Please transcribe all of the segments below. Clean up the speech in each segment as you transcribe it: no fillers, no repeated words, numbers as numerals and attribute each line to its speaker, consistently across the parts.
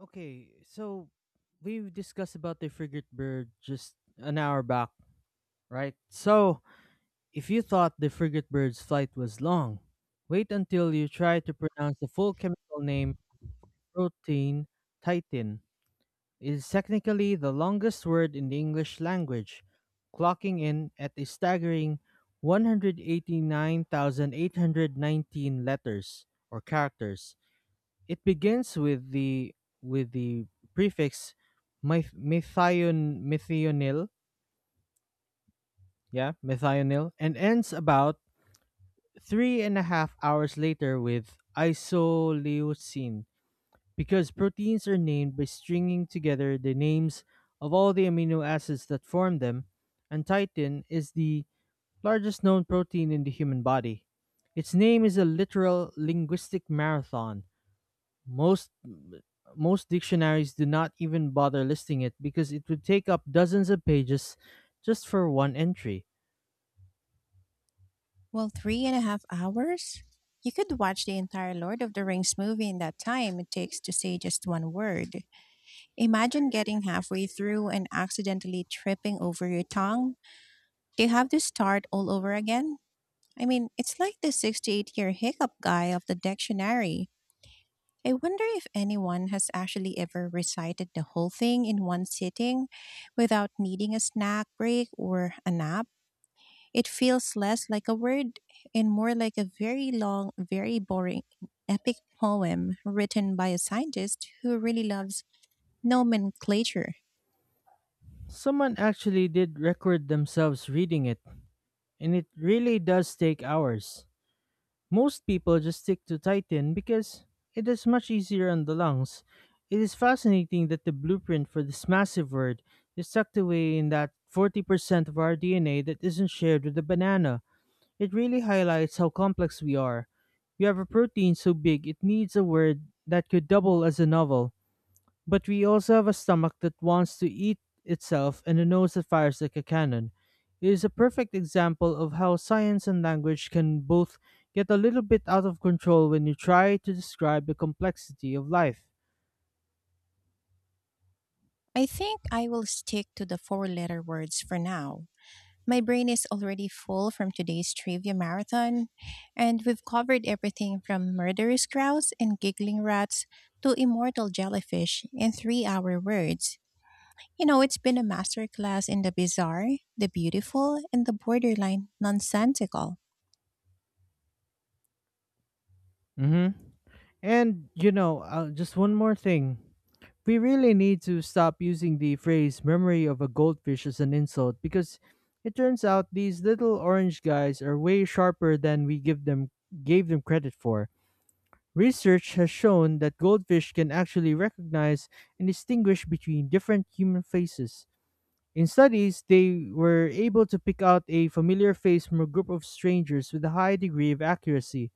Speaker 1: Okay, so we discussed about the frigate bird just an hour back, right? So, if you thought the frigate bird's flight was long, wait until you try to pronounce the full chemical name protein titan. It is technically the longest word in the English language, clocking in at a staggering 189,819 letters or characters. It begins with the prefix methionil, yeah, methionil, and ends about three and a half hours later with isoleucine, because proteins are named by stringing together the names of all the amino acids that form them, and chitin is the largest known protein in the human body. Its name is a literal linguistic marathon. Most most dictionaries do not even bother listing it because it would take up dozens of pages just for one entry.
Speaker 2: Well, three and a half hours? You could watch the entire Lord of the Rings movie in that time it takes to say just one word. Imagine getting halfway through and accidentally tripping over your tongue. Do you have to start all over again? I mean, it's like the 68-year year hiccup guy of the dictionary. I wonder if anyone has actually ever recited the whole thing in one sitting without needing a snack break or a nap. It feels less like a word and more like a very long, very boring epic poem written by a scientist who really loves nomenclature.
Speaker 1: Someone actually did record themselves reading it, and it really does take hours. Most people just stick to Titan because it is much easier on the lungs. It is fascinating that the blueprint for this massive word is tucked away in that 40% of our DNA that isn't shared with the banana. It really highlights how complex we are. We have a protein so big it needs a word that could double as a novel, but we also have a stomach that wants to eat itself and a nose that fires like a cannon. It is a perfect example of how science and language can both get a little bit out of control when you try to describe the complexity of life.
Speaker 2: I think I will stick to the four letter words for now. My brain is already full from today's trivia marathon, and we've covered everything from murderous crows and giggling rats to immortal jellyfish in 3 hour words. You know, it's been a masterclass in the bizarre, the beautiful, and the borderline nonsensical.
Speaker 1: Hmm. And, just one more thing. We really need to stop using the phrase memory of a goldfish as an insult because it turns out these little orange guys are way sharper than we give them gave them credit for. Research has shown that goldfish can actually recognize and distinguish between different human faces. In studies, they were able to pick out a familiar face from a group of strangers with a high degree of accuracy.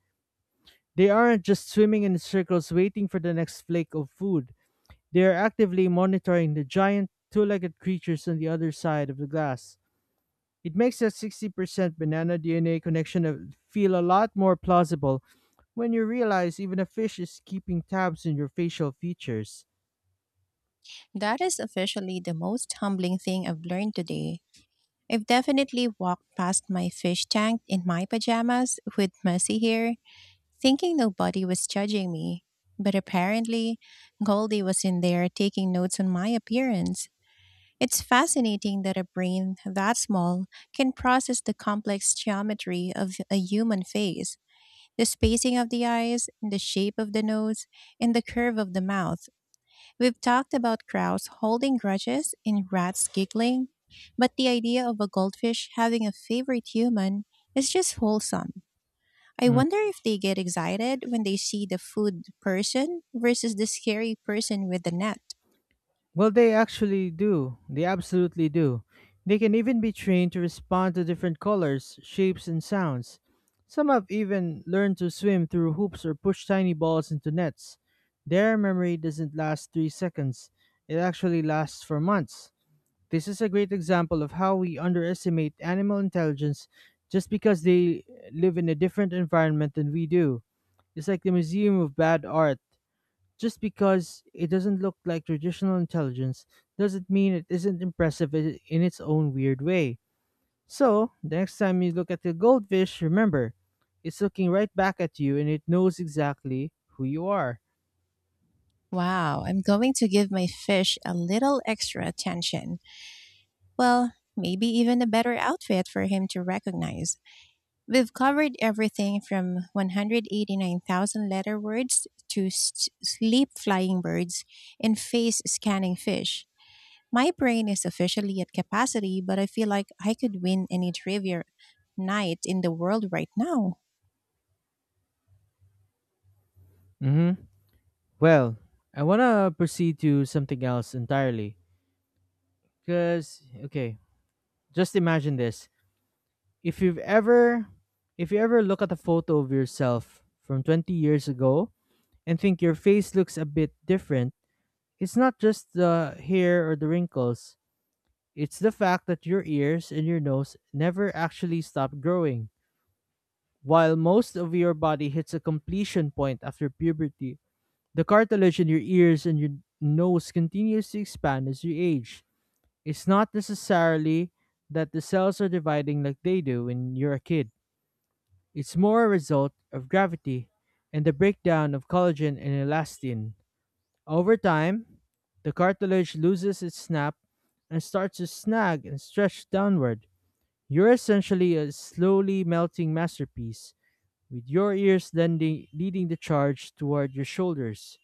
Speaker 1: They aren't just swimming in circles waiting for the next flake of food. They are actively monitoring the giant two legged creatures on the other side of the glass. It makes that 60% banana DNA feel a lot more plausible when you realize even a fish is keeping tabs on your facial features.
Speaker 2: That is officially the most humbling thing I've learned today. I've definitely walked past my fish tank in my pajamas with messy hair, thinking nobody was judging me. But apparently, Goldie was in there taking notes on my appearance. It's fascinating that a brain that small can process the complex geometry of a human face, the spacing of the eyes, the shape of the nose, and the curve of the mouth. We've talked about crows holding grudges and rats giggling, but the idea of a goldfish having a favorite human is just wholesome. I wonder if they get excited when they see the food person versus the scary person with the net.
Speaker 1: Well, they actually do. They absolutely do. They can even be trained to respond to different colors, shapes, and sounds. Some have even learned to swim through hoops or push tiny balls into nets. Their memory doesn't last 3 seconds, it actually lasts for months. This is a great example of how we underestimate animal intelligence just because they live in a different environment than we do. It's like the Museum of Bad Art. Just because it doesn't look like traditional intelligence doesn't mean it isn't impressive in its own weird way. So, the next time you look at the goldfish, remember, it's looking right back at you and it knows exactly who you are.
Speaker 2: Wow, I'm going to give my fish a little extra attention. Well, maybe even a better outfit for him to recognize. We've covered everything from 189,000 letter words to sleep flying birds and face scanning fish. My brain is officially at capacity, but I feel like I could win any trivia night in the world right now.
Speaker 1: Mm-hmm. Well, I want to proceed to something else entirely. Because, okay, just imagine this. If you've ever, if you ever look at a photo of yourself from 20 years ago and think your face looks a bit different, it's not just the hair or the wrinkles, it's the fact that your ears and your nose never actually stop growing. While most of your body hits a completion point after puberty, the cartilage in your ears and your nose continues to expand as you age. It's not necessarily that the cells are dividing like they do when you're a kid, it's more a result of gravity and the breakdown of collagen and elastin. Over time, the cartilage loses its snap and starts to snag and stretch downward. You're essentially a slowly melting masterpiece, with your ears leading the charge toward your shoulders.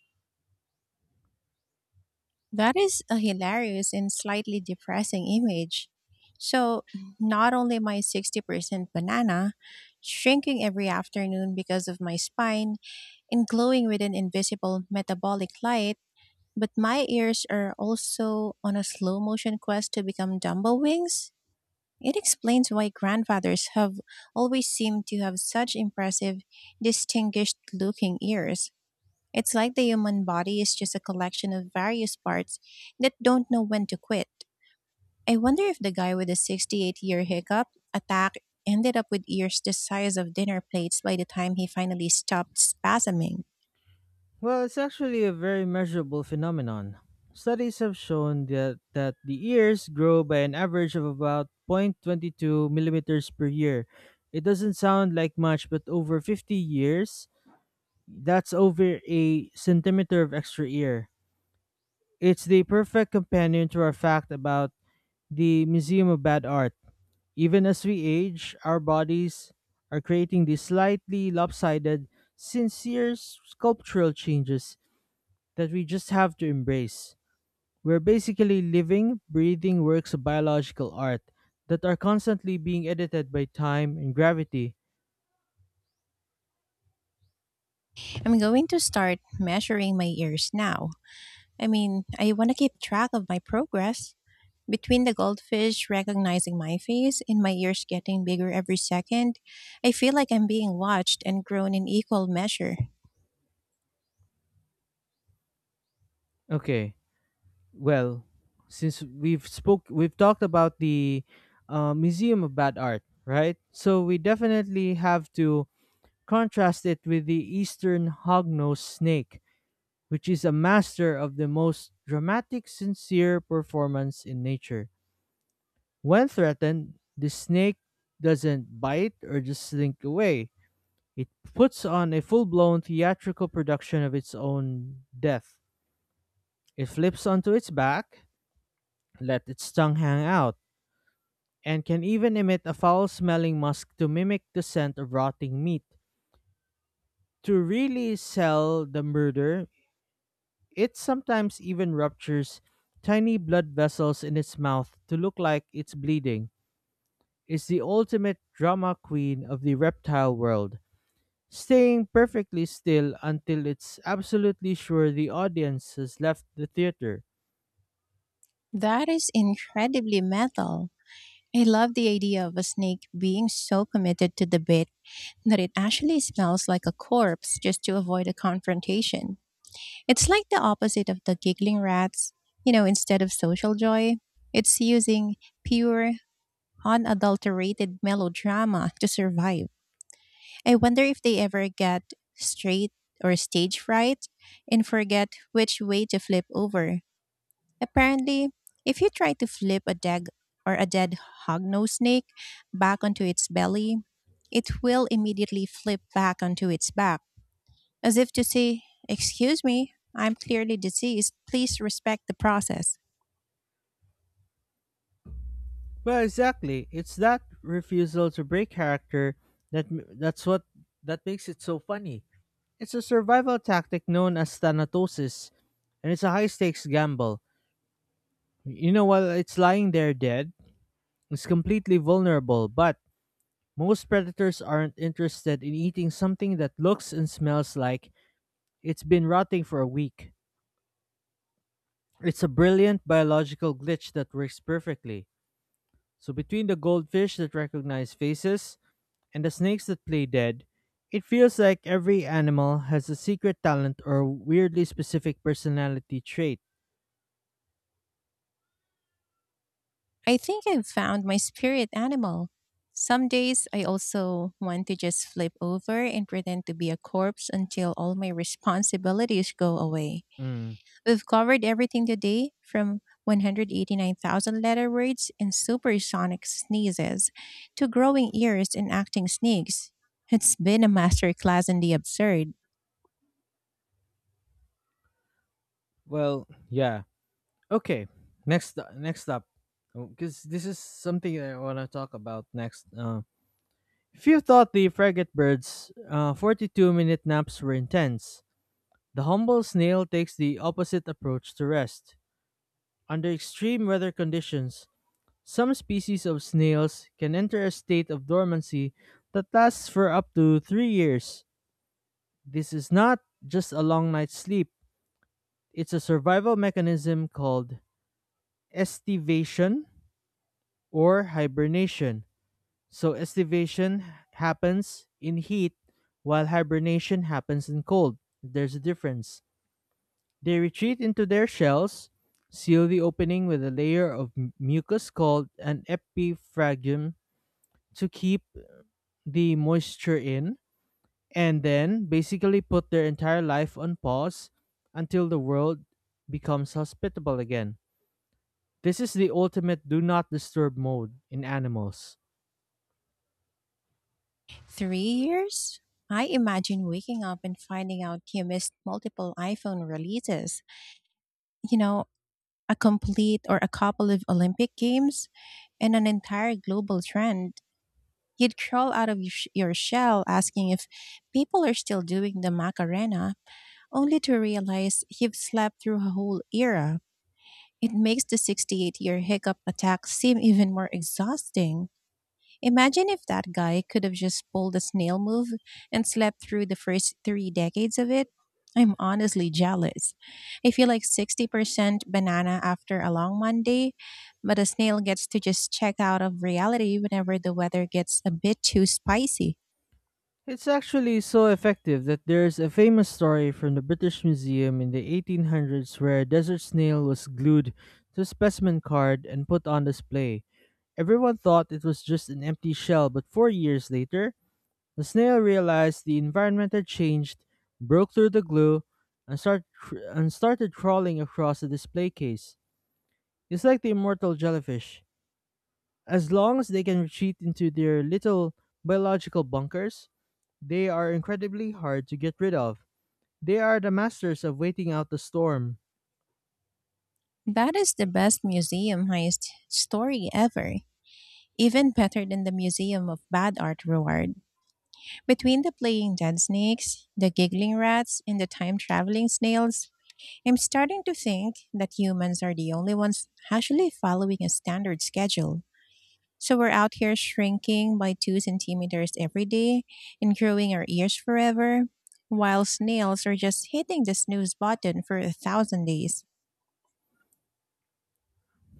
Speaker 2: That is a hilarious and slightly depressing image. So, not only my 60% banana, shrinking every afternoon because of my spine, and glowing with an invisible metabolic light, but my ears are also on a slow motion quest to become dumbbell wings. It explains why grandfathers have always seemed to have such impressive, distinguished looking ears. It's like the human body is just a collection of various parts that don't know when to quit. I wonder if the guy with the 68-year year hiccup attack ended up with ears the size of dinner plates by the time he finally stopped spasming.
Speaker 1: Well, it's actually a very measurable phenomenon. Studies have shown that the ears grow by an average of about 0.22 millimeters per year. It doesn't sound like much, but over 50 years, that's over a centimeter of extra ear. It's the perfect companion to our fact about the Museum of Bad Art. Even as we age, our bodies are creating these slightly lopsided, sincere sculptural changes that we just have to embrace. We're basically living, breathing works of biological art that are constantly being edited by time and gravity.
Speaker 2: I'm going to start measuring my ears now. I mean, I want to keep track of my progress. Between the goldfish recognizing my face and my ears getting bigger every second, I feel like I'm being watched and grown in equal measure.
Speaker 1: Okay. Well, since we've talked about the Museum of Bad Art, right? So we definitely have to contrast it with the Eastern hognose snake, which is a master of the most dramatic sincere performance in nature. When threatened, the snake doesn't bite or just slink away. It puts on a full-blown theatrical production of its own death. It flips onto its back, let its tongue hang out and can even emit a foul smelling musk to mimic the scent of rotting meat. To really sell the murder, it sometimes even ruptures tiny blood vessels in its mouth to look like it's bleeding. It's the ultimate drama queen of the reptile world, staying perfectly still until it's absolutely sure the audience has left the theater.
Speaker 2: That is incredibly metal. I love the idea of a snake being so committed to the bait that it actually smells like a corpse just to avoid a confrontation. It's like the opposite of the giggling rats. You know, instead of social joy, it's using pure, unadulterated melodrama to survive. I wonder if they ever get straight or stage fright and forget which way to flip over. Apparently, if you try to flip a dead or a dead hognose snake back onto its belly, it will immediately flip back onto its back, as if to say, "Excuse me, I'm clearly diseased. Please respect the process."
Speaker 1: Well, exactly. It's that refusal to break character that's what that makes it so funny. It's a survival tactic known as thanatosis, and it's a high stakes gamble. You know, while it's lying there dead, it's completely vulnerable, but most predators aren't interested in eating something that looks and smells like it's been rotting for a week. It's a brilliant biological glitch that works perfectly. So, between the goldfish that recognize faces, and the snakes that play dead, it feels like every animal has a secret talent or weirdly specific personality trait.
Speaker 2: I think I've found my spirit animal. Some days I also want to just flip over and pretend to be a corpse until all my responsibilities go away.
Speaker 1: Mm,
Speaker 2: We've covered everything today from 189,000 letter words and supersonic sneezes to growing ears and acting sneaks. It's been a masterclass in the absurd.
Speaker 1: well, yeah. Okay. Next up, because this is something that I want to talk about next. If you thought the frigate birds' 42-minute naps were intense, the humble snail takes the opposite approach to rest. Under extreme weather conditions, some species of snails can enter a state of dormancy that lasts for up to 3 years. This is not just a long night's sleep, it's a survival mechanism called estivation or hibernation. So, estivation happens in heat while hibernation happens in cold. There's a difference. They retreat into their shells, seal the opening with a layer of mucus called an epiphragm to keep the moisture in and then basically put their entire life on pause until the world becomes hospitable again. This is the ultimate do not disturb mode in animals.
Speaker 2: 3 years? I imagine waking up and finding out you missed multiple iPhone releases. You know, a complete or a couple of Olympic Games, and an entire global trend. You'd crawl out of your your shell asking if people are still doing the Macarena, only to realize you've slept through a whole era. It makes the 68-year year hiccup attack seem even more exhausting. Imagine if that guy could have just pulled the snail move and slept through the first three decades of it. I'm honestly jealous. I feel like 60% banana after a long Monday, but a snail gets to just check out of reality whenever the weather gets a bit too spicy.
Speaker 1: It's actually so effective that there's a famous story from the British Museum in the 1800s where a desert snail was glued to a specimen card and put on display. Everyone thought it was just an empty shell, but 4 years later, the snail realized the environment had changed, broke through the glue, and started crawling across the display case. It's like the immortal jellyfish. As long as they can retreat into their little biological bunkers, they are incredibly hard to get rid of. They are the masters of waiting out the storm.
Speaker 2: That is the best museum heist story ever. Even better than the Museum of Bad Art reward. Between the playing dead snakes, the giggling rats, and the time traveling snails, I'm starting to think that humans are the only ones actually following a standard schedule. So we're out here shrinking by 2 centimeters every day and growing our ears forever, while snails are just hitting the snooze button for 1,000 days.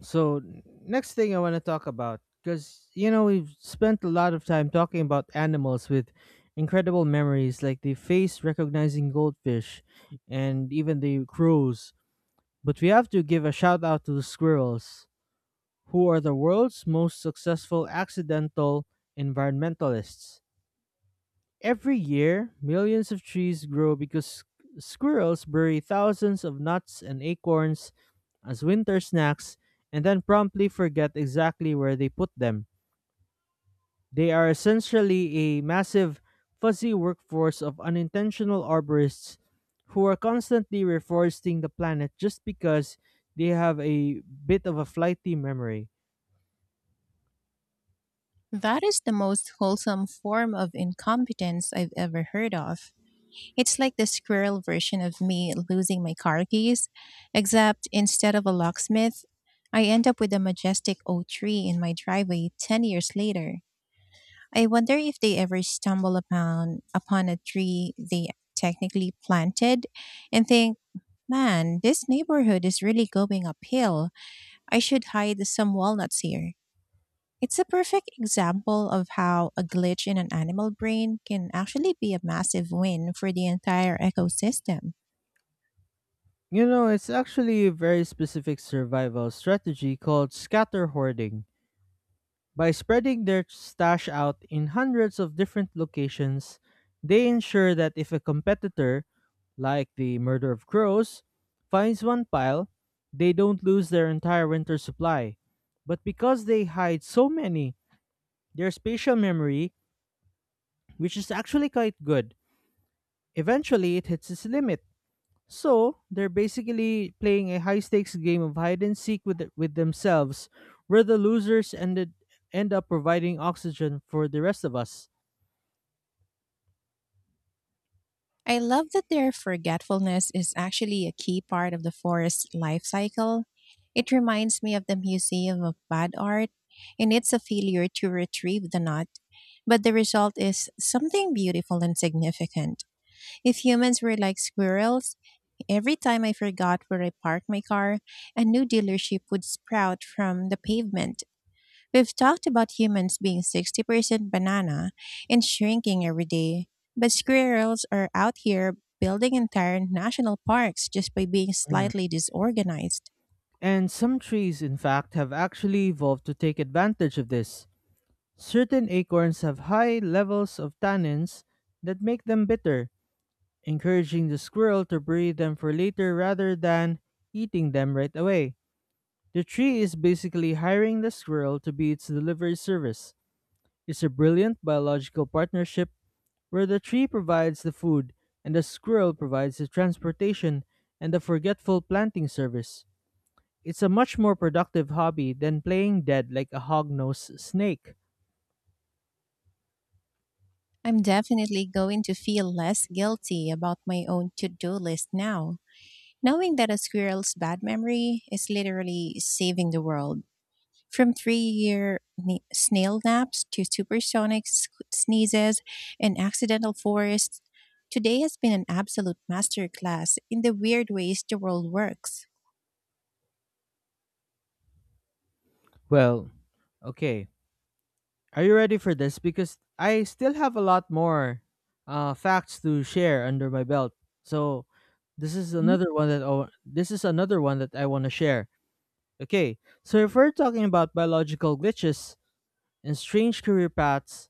Speaker 1: So next thing I want to talk about, because you know we've spent a lot of time talking about animals with incredible memories, like the face recognizing goldfish, and even the crows. But we have to give a shout out to the squirrels, who are the world's most successful accidental environmentalists. Every year, millions of trees grow because squirrels bury thousands of nuts and acorns as winter snacks and then promptly forget exactly where they put them. They are essentially a massive, fuzzy workforce of unintentional arborists who are constantly reforesting the planet just because they have a bit of a flighty memory.
Speaker 2: That is the most wholesome form of incompetence I've ever heard of. It's like the squirrel version of me losing my car keys, except instead of a locksmith, I end up with a majestic oak tree in my driveway 10 years later. I wonder if they ever stumble upon a tree they technically planted and think, "Man, this neighborhood is really going uphill. I should hide some walnuts here." It's a perfect example of how a glitch in an animal brain can actually be a massive win for the entire ecosystem.
Speaker 1: You know, it's actually a very specific survival strategy called scatter hoarding. By spreading their stash out in hundreds of different locations, they ensure that if a competitor, like the murder of crows, finds one pile, they don't lose their entire winter supply. But because they hide so many, their spatial memory, which is actually quite good, eventually it hits its limit. So they're basically playing a high stakes game of hide and seek with themselves, where the losers end up providing oxygen for the rest of us.
Speaker 2: I love that their forgetfulness is actually a key part of the forest life cycle. It reminds me of the Museum of Bad Art and it's a failure to retrieve the knot. But the result is something beautiful and significant. If humans were like squirrels, every time I forgot where I parked my car, a new dealership would sprout from the pavement. We've talked about humans being 60% banana and shrinking every day, but squirrels are out here building entire national parks just by being
Speaker 1: Mm.
Speaker 2: slightly disorganized.
Speaker 1: And some trees, in fact, have actually evolved to take advantage of this. Certain acorns have high levels of tannins that make them bitter, encouraging the squirrel to breed them for later rather than eating them right away. The tree is basically hiring the squirrel to be its delivery service. It's a brilliant biological partnership where the tree provides the food and the squirrel provides the transportation and the forgetful planting service. It's a much more productive hobby than playing dead like a hog-nosed snake.
Speaker 2: I'm definitely going to feel less guilty about my own to do list now, knowing that a squirrel's bad memory is literally saving the world. From snail naps to supersonic sneezes and accidental forests, today has been an absolute masterclass in the weird ways the world works.
Speaker 1: Well, okay. Are you ready for this? Because I still have a lot more facts to share under my belt. So
Speaker 2: Mhm.
Speaker 1: this is another one that I want to share. Okay, so if we're talking about biological glitches and strange career paths,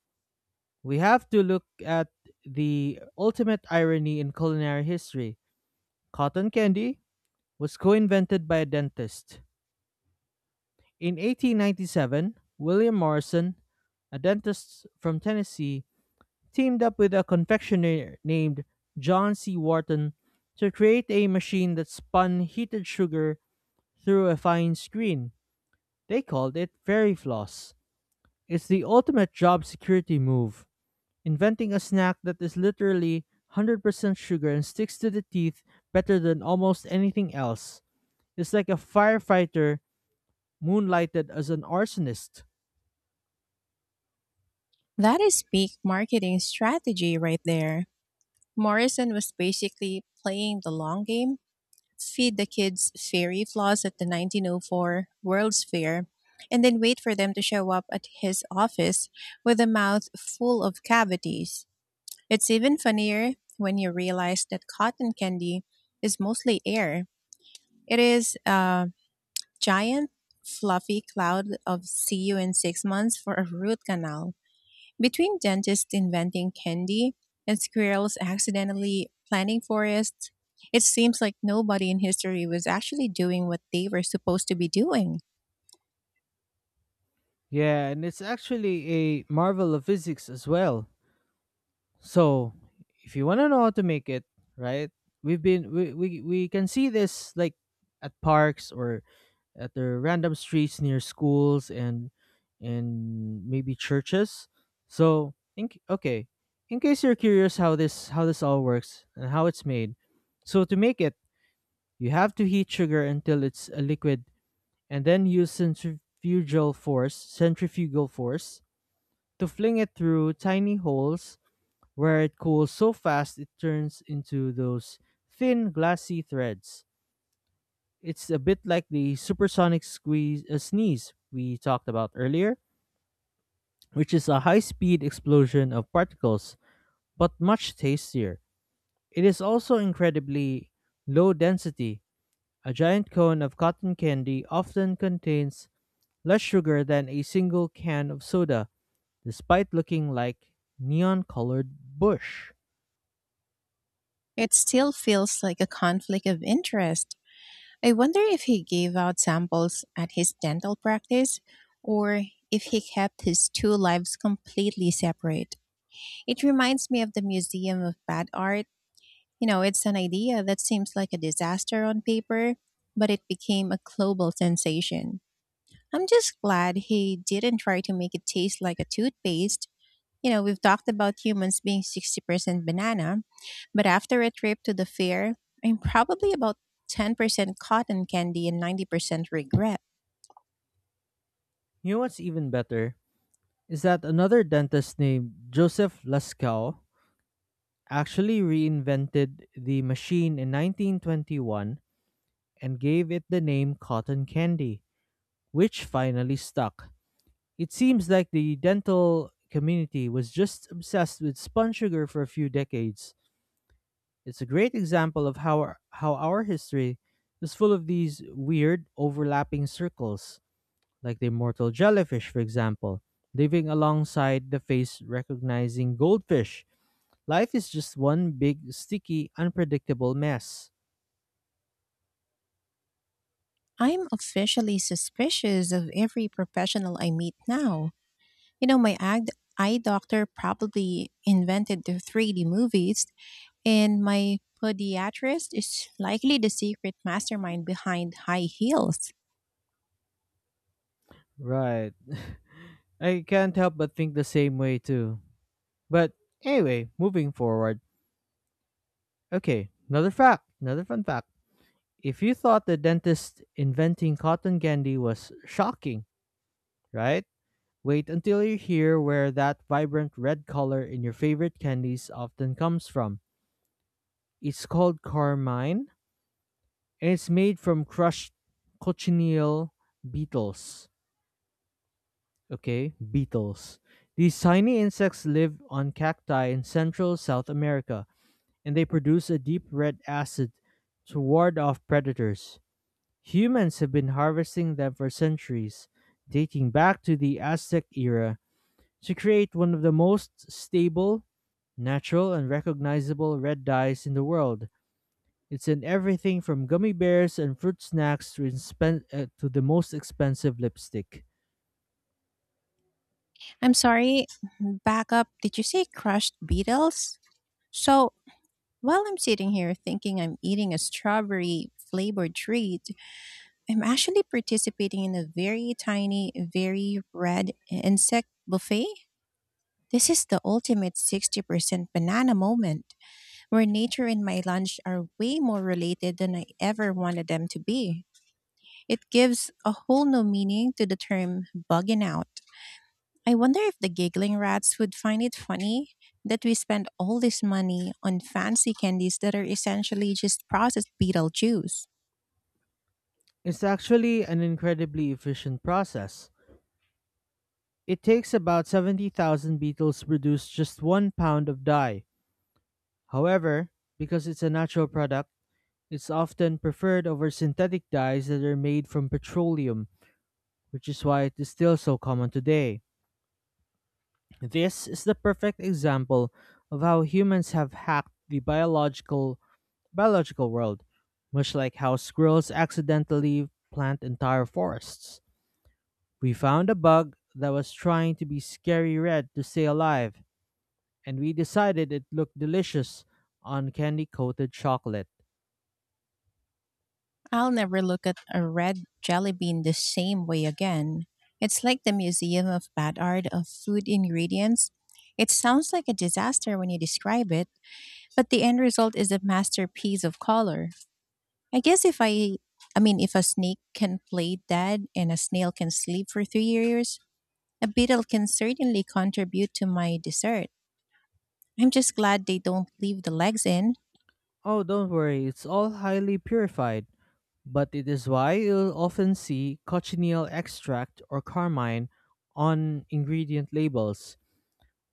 Speaker 1: we have to look at the ultimate irony in culinary history. Cotton candy was co invented by a dentist. In 1897, William Morrison, a dentist from Tennessee, teamed up with a confectioner named John C. Wharton to create a machine that spun heated sugar through a fine screen. They called it fairy floss. It's the ultimate job security move. Inventing a snack that is literally 100% sugar and sticks to the teeth better than almost anything else, its like a firefighter moonlighted as an arsonist.
Speaker 2: That is peak marketing strategy right there. Morrison was basically playing the long game, feed the kids fairy floss at the 1904 World's Fair, and then wait for them to show up at his office with a mouth full of cavities. It's even funnier when you realize that cotton candy is mostly air. It is a giant, fluffy cloud of see you in 6 months for a root canal. Between dentists inventing candy and squirrels accidentally planting forests, it seems like nobody in history was actually doing what they were supposed to be doing.
Speaker 1: Yeah, and it's actually a marvel of physics as well. So, if you want to know how to make it, right? We've been we can see this like at parks or at the random streets near schools and maybe churches. So, okay, in case you're curious how this all works and how it's made, so to make it, you have to heat sugar until it's a liquid, and then use centrifugal force to fling it through tiny holes where it cools so fast it turns into those thin glassy threads. It's a bit like the supersonic squeeze sneeze we talked about earlier, which is a high-speed explosion of particles, but much tastier. It is also incredibly low density. A giant cone of cotton candy often contains less sugar than a single can of soda, despite looking like neon-colored bush.
Speaker 2: It still feels like a conflict of interest. I wonder if he gave out samples at his dental practice or if he kept his two lives completely separate. It reminds me of the Museum of Bad Art. You know, it's an idea that seems like a disaster on paper, but it became a global sensation. I'm just glad he didn't try to make it taste like a toothpaste. You know, we've talked about humans being 60% banana, but after a trip to the fair, I'm probably about 10% cotton candy and 90% regret.
Speaker 1: You know what's even better? Is that another dentist named Joseph Lascaux actually reinvented the machine in 1921 and gave it the name cotton candy, which finally stuck. It seems like the dental community was just obsessed with spun sugar for a few decades. It's a great example of how our history is full of these weird overlapping circles, like the immortal jellyfish, for example, living alongside the face recognizing goldfish. Life is just one big, sticky, unpredictable mess.
Speaker 2: I'm officially suspicious of every professional I meet now. You know, my eye doctor probably invented the 3D movies, and my podiatrist is likely the secret mastermind behind high heels.
Speaker 1: Right. I can't help but think the same way too. But anyway, moving forward. Okay, another fact, another fun fact. If you thought the dentist inventing cotton candy was shocking, right? Wait until you hear where that vibrant red color in your favorite candies often comes from. It's called carmine and it's made from crushed cochineal beetles. Okay, beetles. These tiny insects live on cacti in central South America, and they produce a deep red acid to ward off predators. Humans have been harvesting them for centuries, dating back to the Aztec era, to create one of the most stable, natural, and recognizable red dyes in the world. It's in everything from gummy bears and fruit snacks to the most expensive lipstick.
Speaker 2: I'm sorry, back up. Did you say crushed beetles? So, while I'm sitting here thinking I'm eating a strawberry flavored treat, I'm actually participating in a very tiny, very red insect buffet. This is the ultimate 60% banana moment, where nature and my lunch are way more related than I ever wanted them to be. It gives a whole new meaning to the term bugging out. I wonder if the giggling rats would find it funny that we spend all this money on fancy candies that are essentially just processed beetle juice.
Speaker 1: It's actually an incredibly efficient process. It takes about 70,000 beetles to produce just 1 pound of dye. However, because it's a natural product, it's often preferred over synthetic dyes that are made from petroleum, which is why it is still so common today. This is the perfect example of how humans have hacked the biological world, much like how squirrels accidentally plant entire forests. We found a bug that was trying to be scary red to stay alive, and we decided it looked delicious on candy coated chocolate.
Speaker 2: I'll never look at a red jelly bean the same way again. It's like the Museum of Bad Art of Food Ingredients. It sounds like a disaster when you describe it, but the end result is a masterpiece of color. I guess if I I mean, if a snake can play dead and a snail can sleep for 3 years, a beetle can certainly contribute to my dessert. I'm just glad they don't leave the legs in.
Speaker 1: Oh, don't worry, it's all highly purified, but it is why you'll often see cochineal extract or carmine on ingredient labels.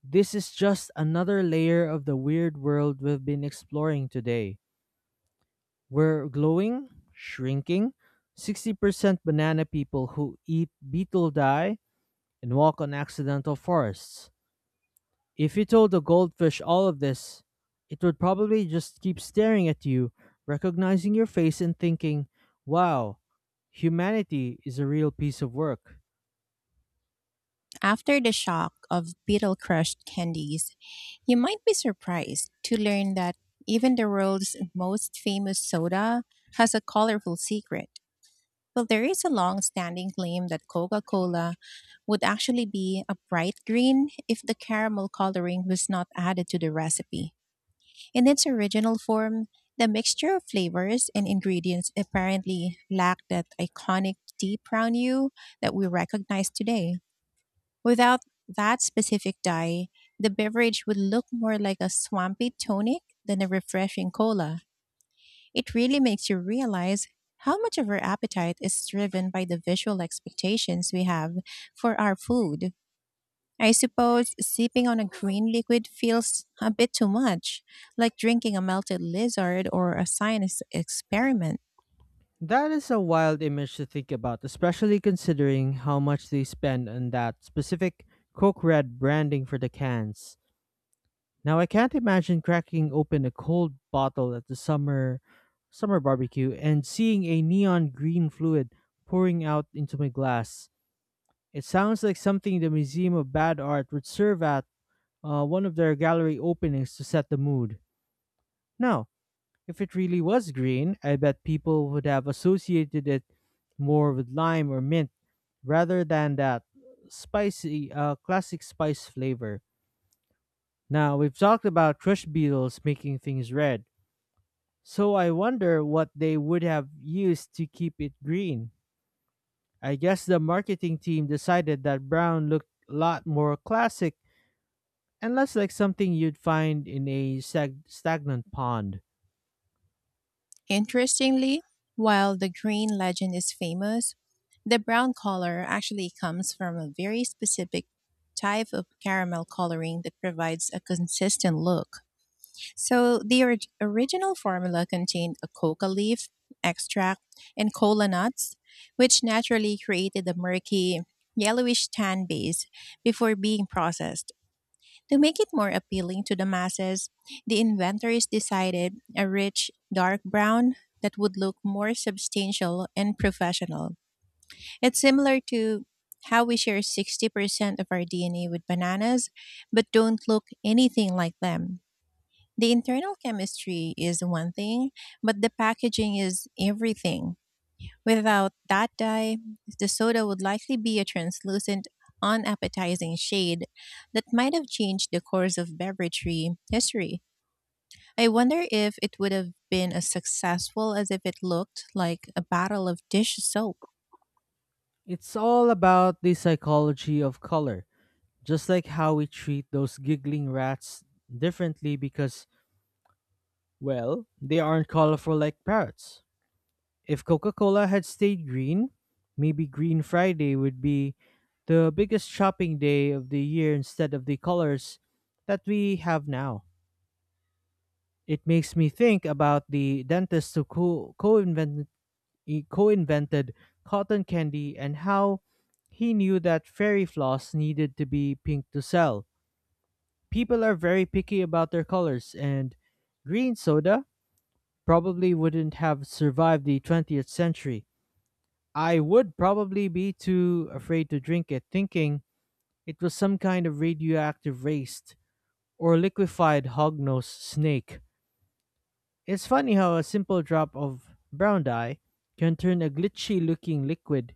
Speaker 1: This is just another layer of the weird world we've been exploring today. We're glowing, shrinking, 60% banana people who eat beetle dye, and walk on accidental forests. If you told a goldfish all of this, it would probably just keep staring at you, recognizing your face and thinking, wow, humanity is a real piece of work.
Speaker 2: After the shock of beetle crushed candies, you might be surprised to learn that even the world's most famous soda has a colorful secret. Well, there is a long standing claim that Coca Cola would actually be a bright green if the caramel coloring was not added to the recipe. In its original form, the mixture of flavors and ingredients apparently lacked that iconic deep brown hue that we recognize today. Without that specific dye, the beverage would look more like a swampy tonic than a refreshing cola. It really makes you realize how much of our appetite is driven by the visual expectations we have for our food. I suppose sipping on a green liquid feels a bit too much, like drinking a melted lizard or a science experiment.
Speaker 1: That is a wild image to think about, especially considering how much they spend on that specific Coke Red branding for the cans. Now I can't imagine cracking open a cold bottle at the summer barbecue and seeing a neon green fluid pouring out into my glass. It sounds like something the Museum of Bad Art would serve at one of their gallery openings to set the mood. Now, if it really was green, I bet people would have associated it more with lime or mint rather than that spicy classic spice flavor. Now, we've talked about crush beetles making things red, so I wonder what they would have used to keep it green. I guess the marketing team decided that brown looked a lot more classic and less like something you'd find in a stagnant pond.
Speaker 2: Interestingly, while the green legend is famous, the brown color actually comes from a very specific type of caramel coloring that provides a consistent look. So the original formula contained a coca leaf extract and cola nuts, which naturally created a murky, yellowish tan base before being processed. To make it more appealing to the masses, the inventors decided a rich, dark brown that would look more substantial and professional. It's similar to how we share 60% of our DNA with bananas, but don't look anything like them. The internal chemistry is one thing, but the packaging is everything. Without that dye, the soda would likely be a translucent, unappetizing shade that might have changed the course of beveragery history. I wonder if it would have been as successful as if it looked like a bottle of dish soap.
Speaker 1: It's all about the psychology of color, just like how we treat those giggling rats differently because, well, they aren't colorful like parrots. If Coca Cola had stayed green, maybe Green Friday would be the biggest shopping day of the year instead of the colors that we have now. It makes me think about the dentist who he co-invented cotton candy and how he knew that fairy floss needed to be pink to sell. People are very picky about their colors, and green soda probably wouldn't have survived the 20th century. I would probably be too afraid to drink it, thinking it was some kind of radioactive waste or liquefied hognose snake. It's funny how a simple drop of brown dye can turn a glitchy looking liquid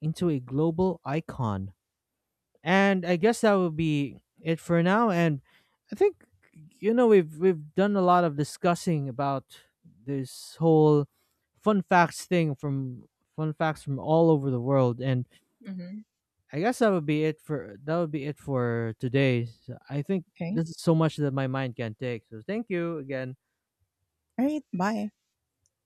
Speaker 1: into a global icon. And I guess that would be it for now. And I think we've done a lot of discussing about this whole fun facts thing from fun facts from all over the world, and
Speaker 2: Hmm.
Speaker 1: I guess that would be it for today. So I think
Speaker 2: Okay.
Speaker 1: this is so much that my mind can take. So thank you again.
Speaker 2: All right. Bye.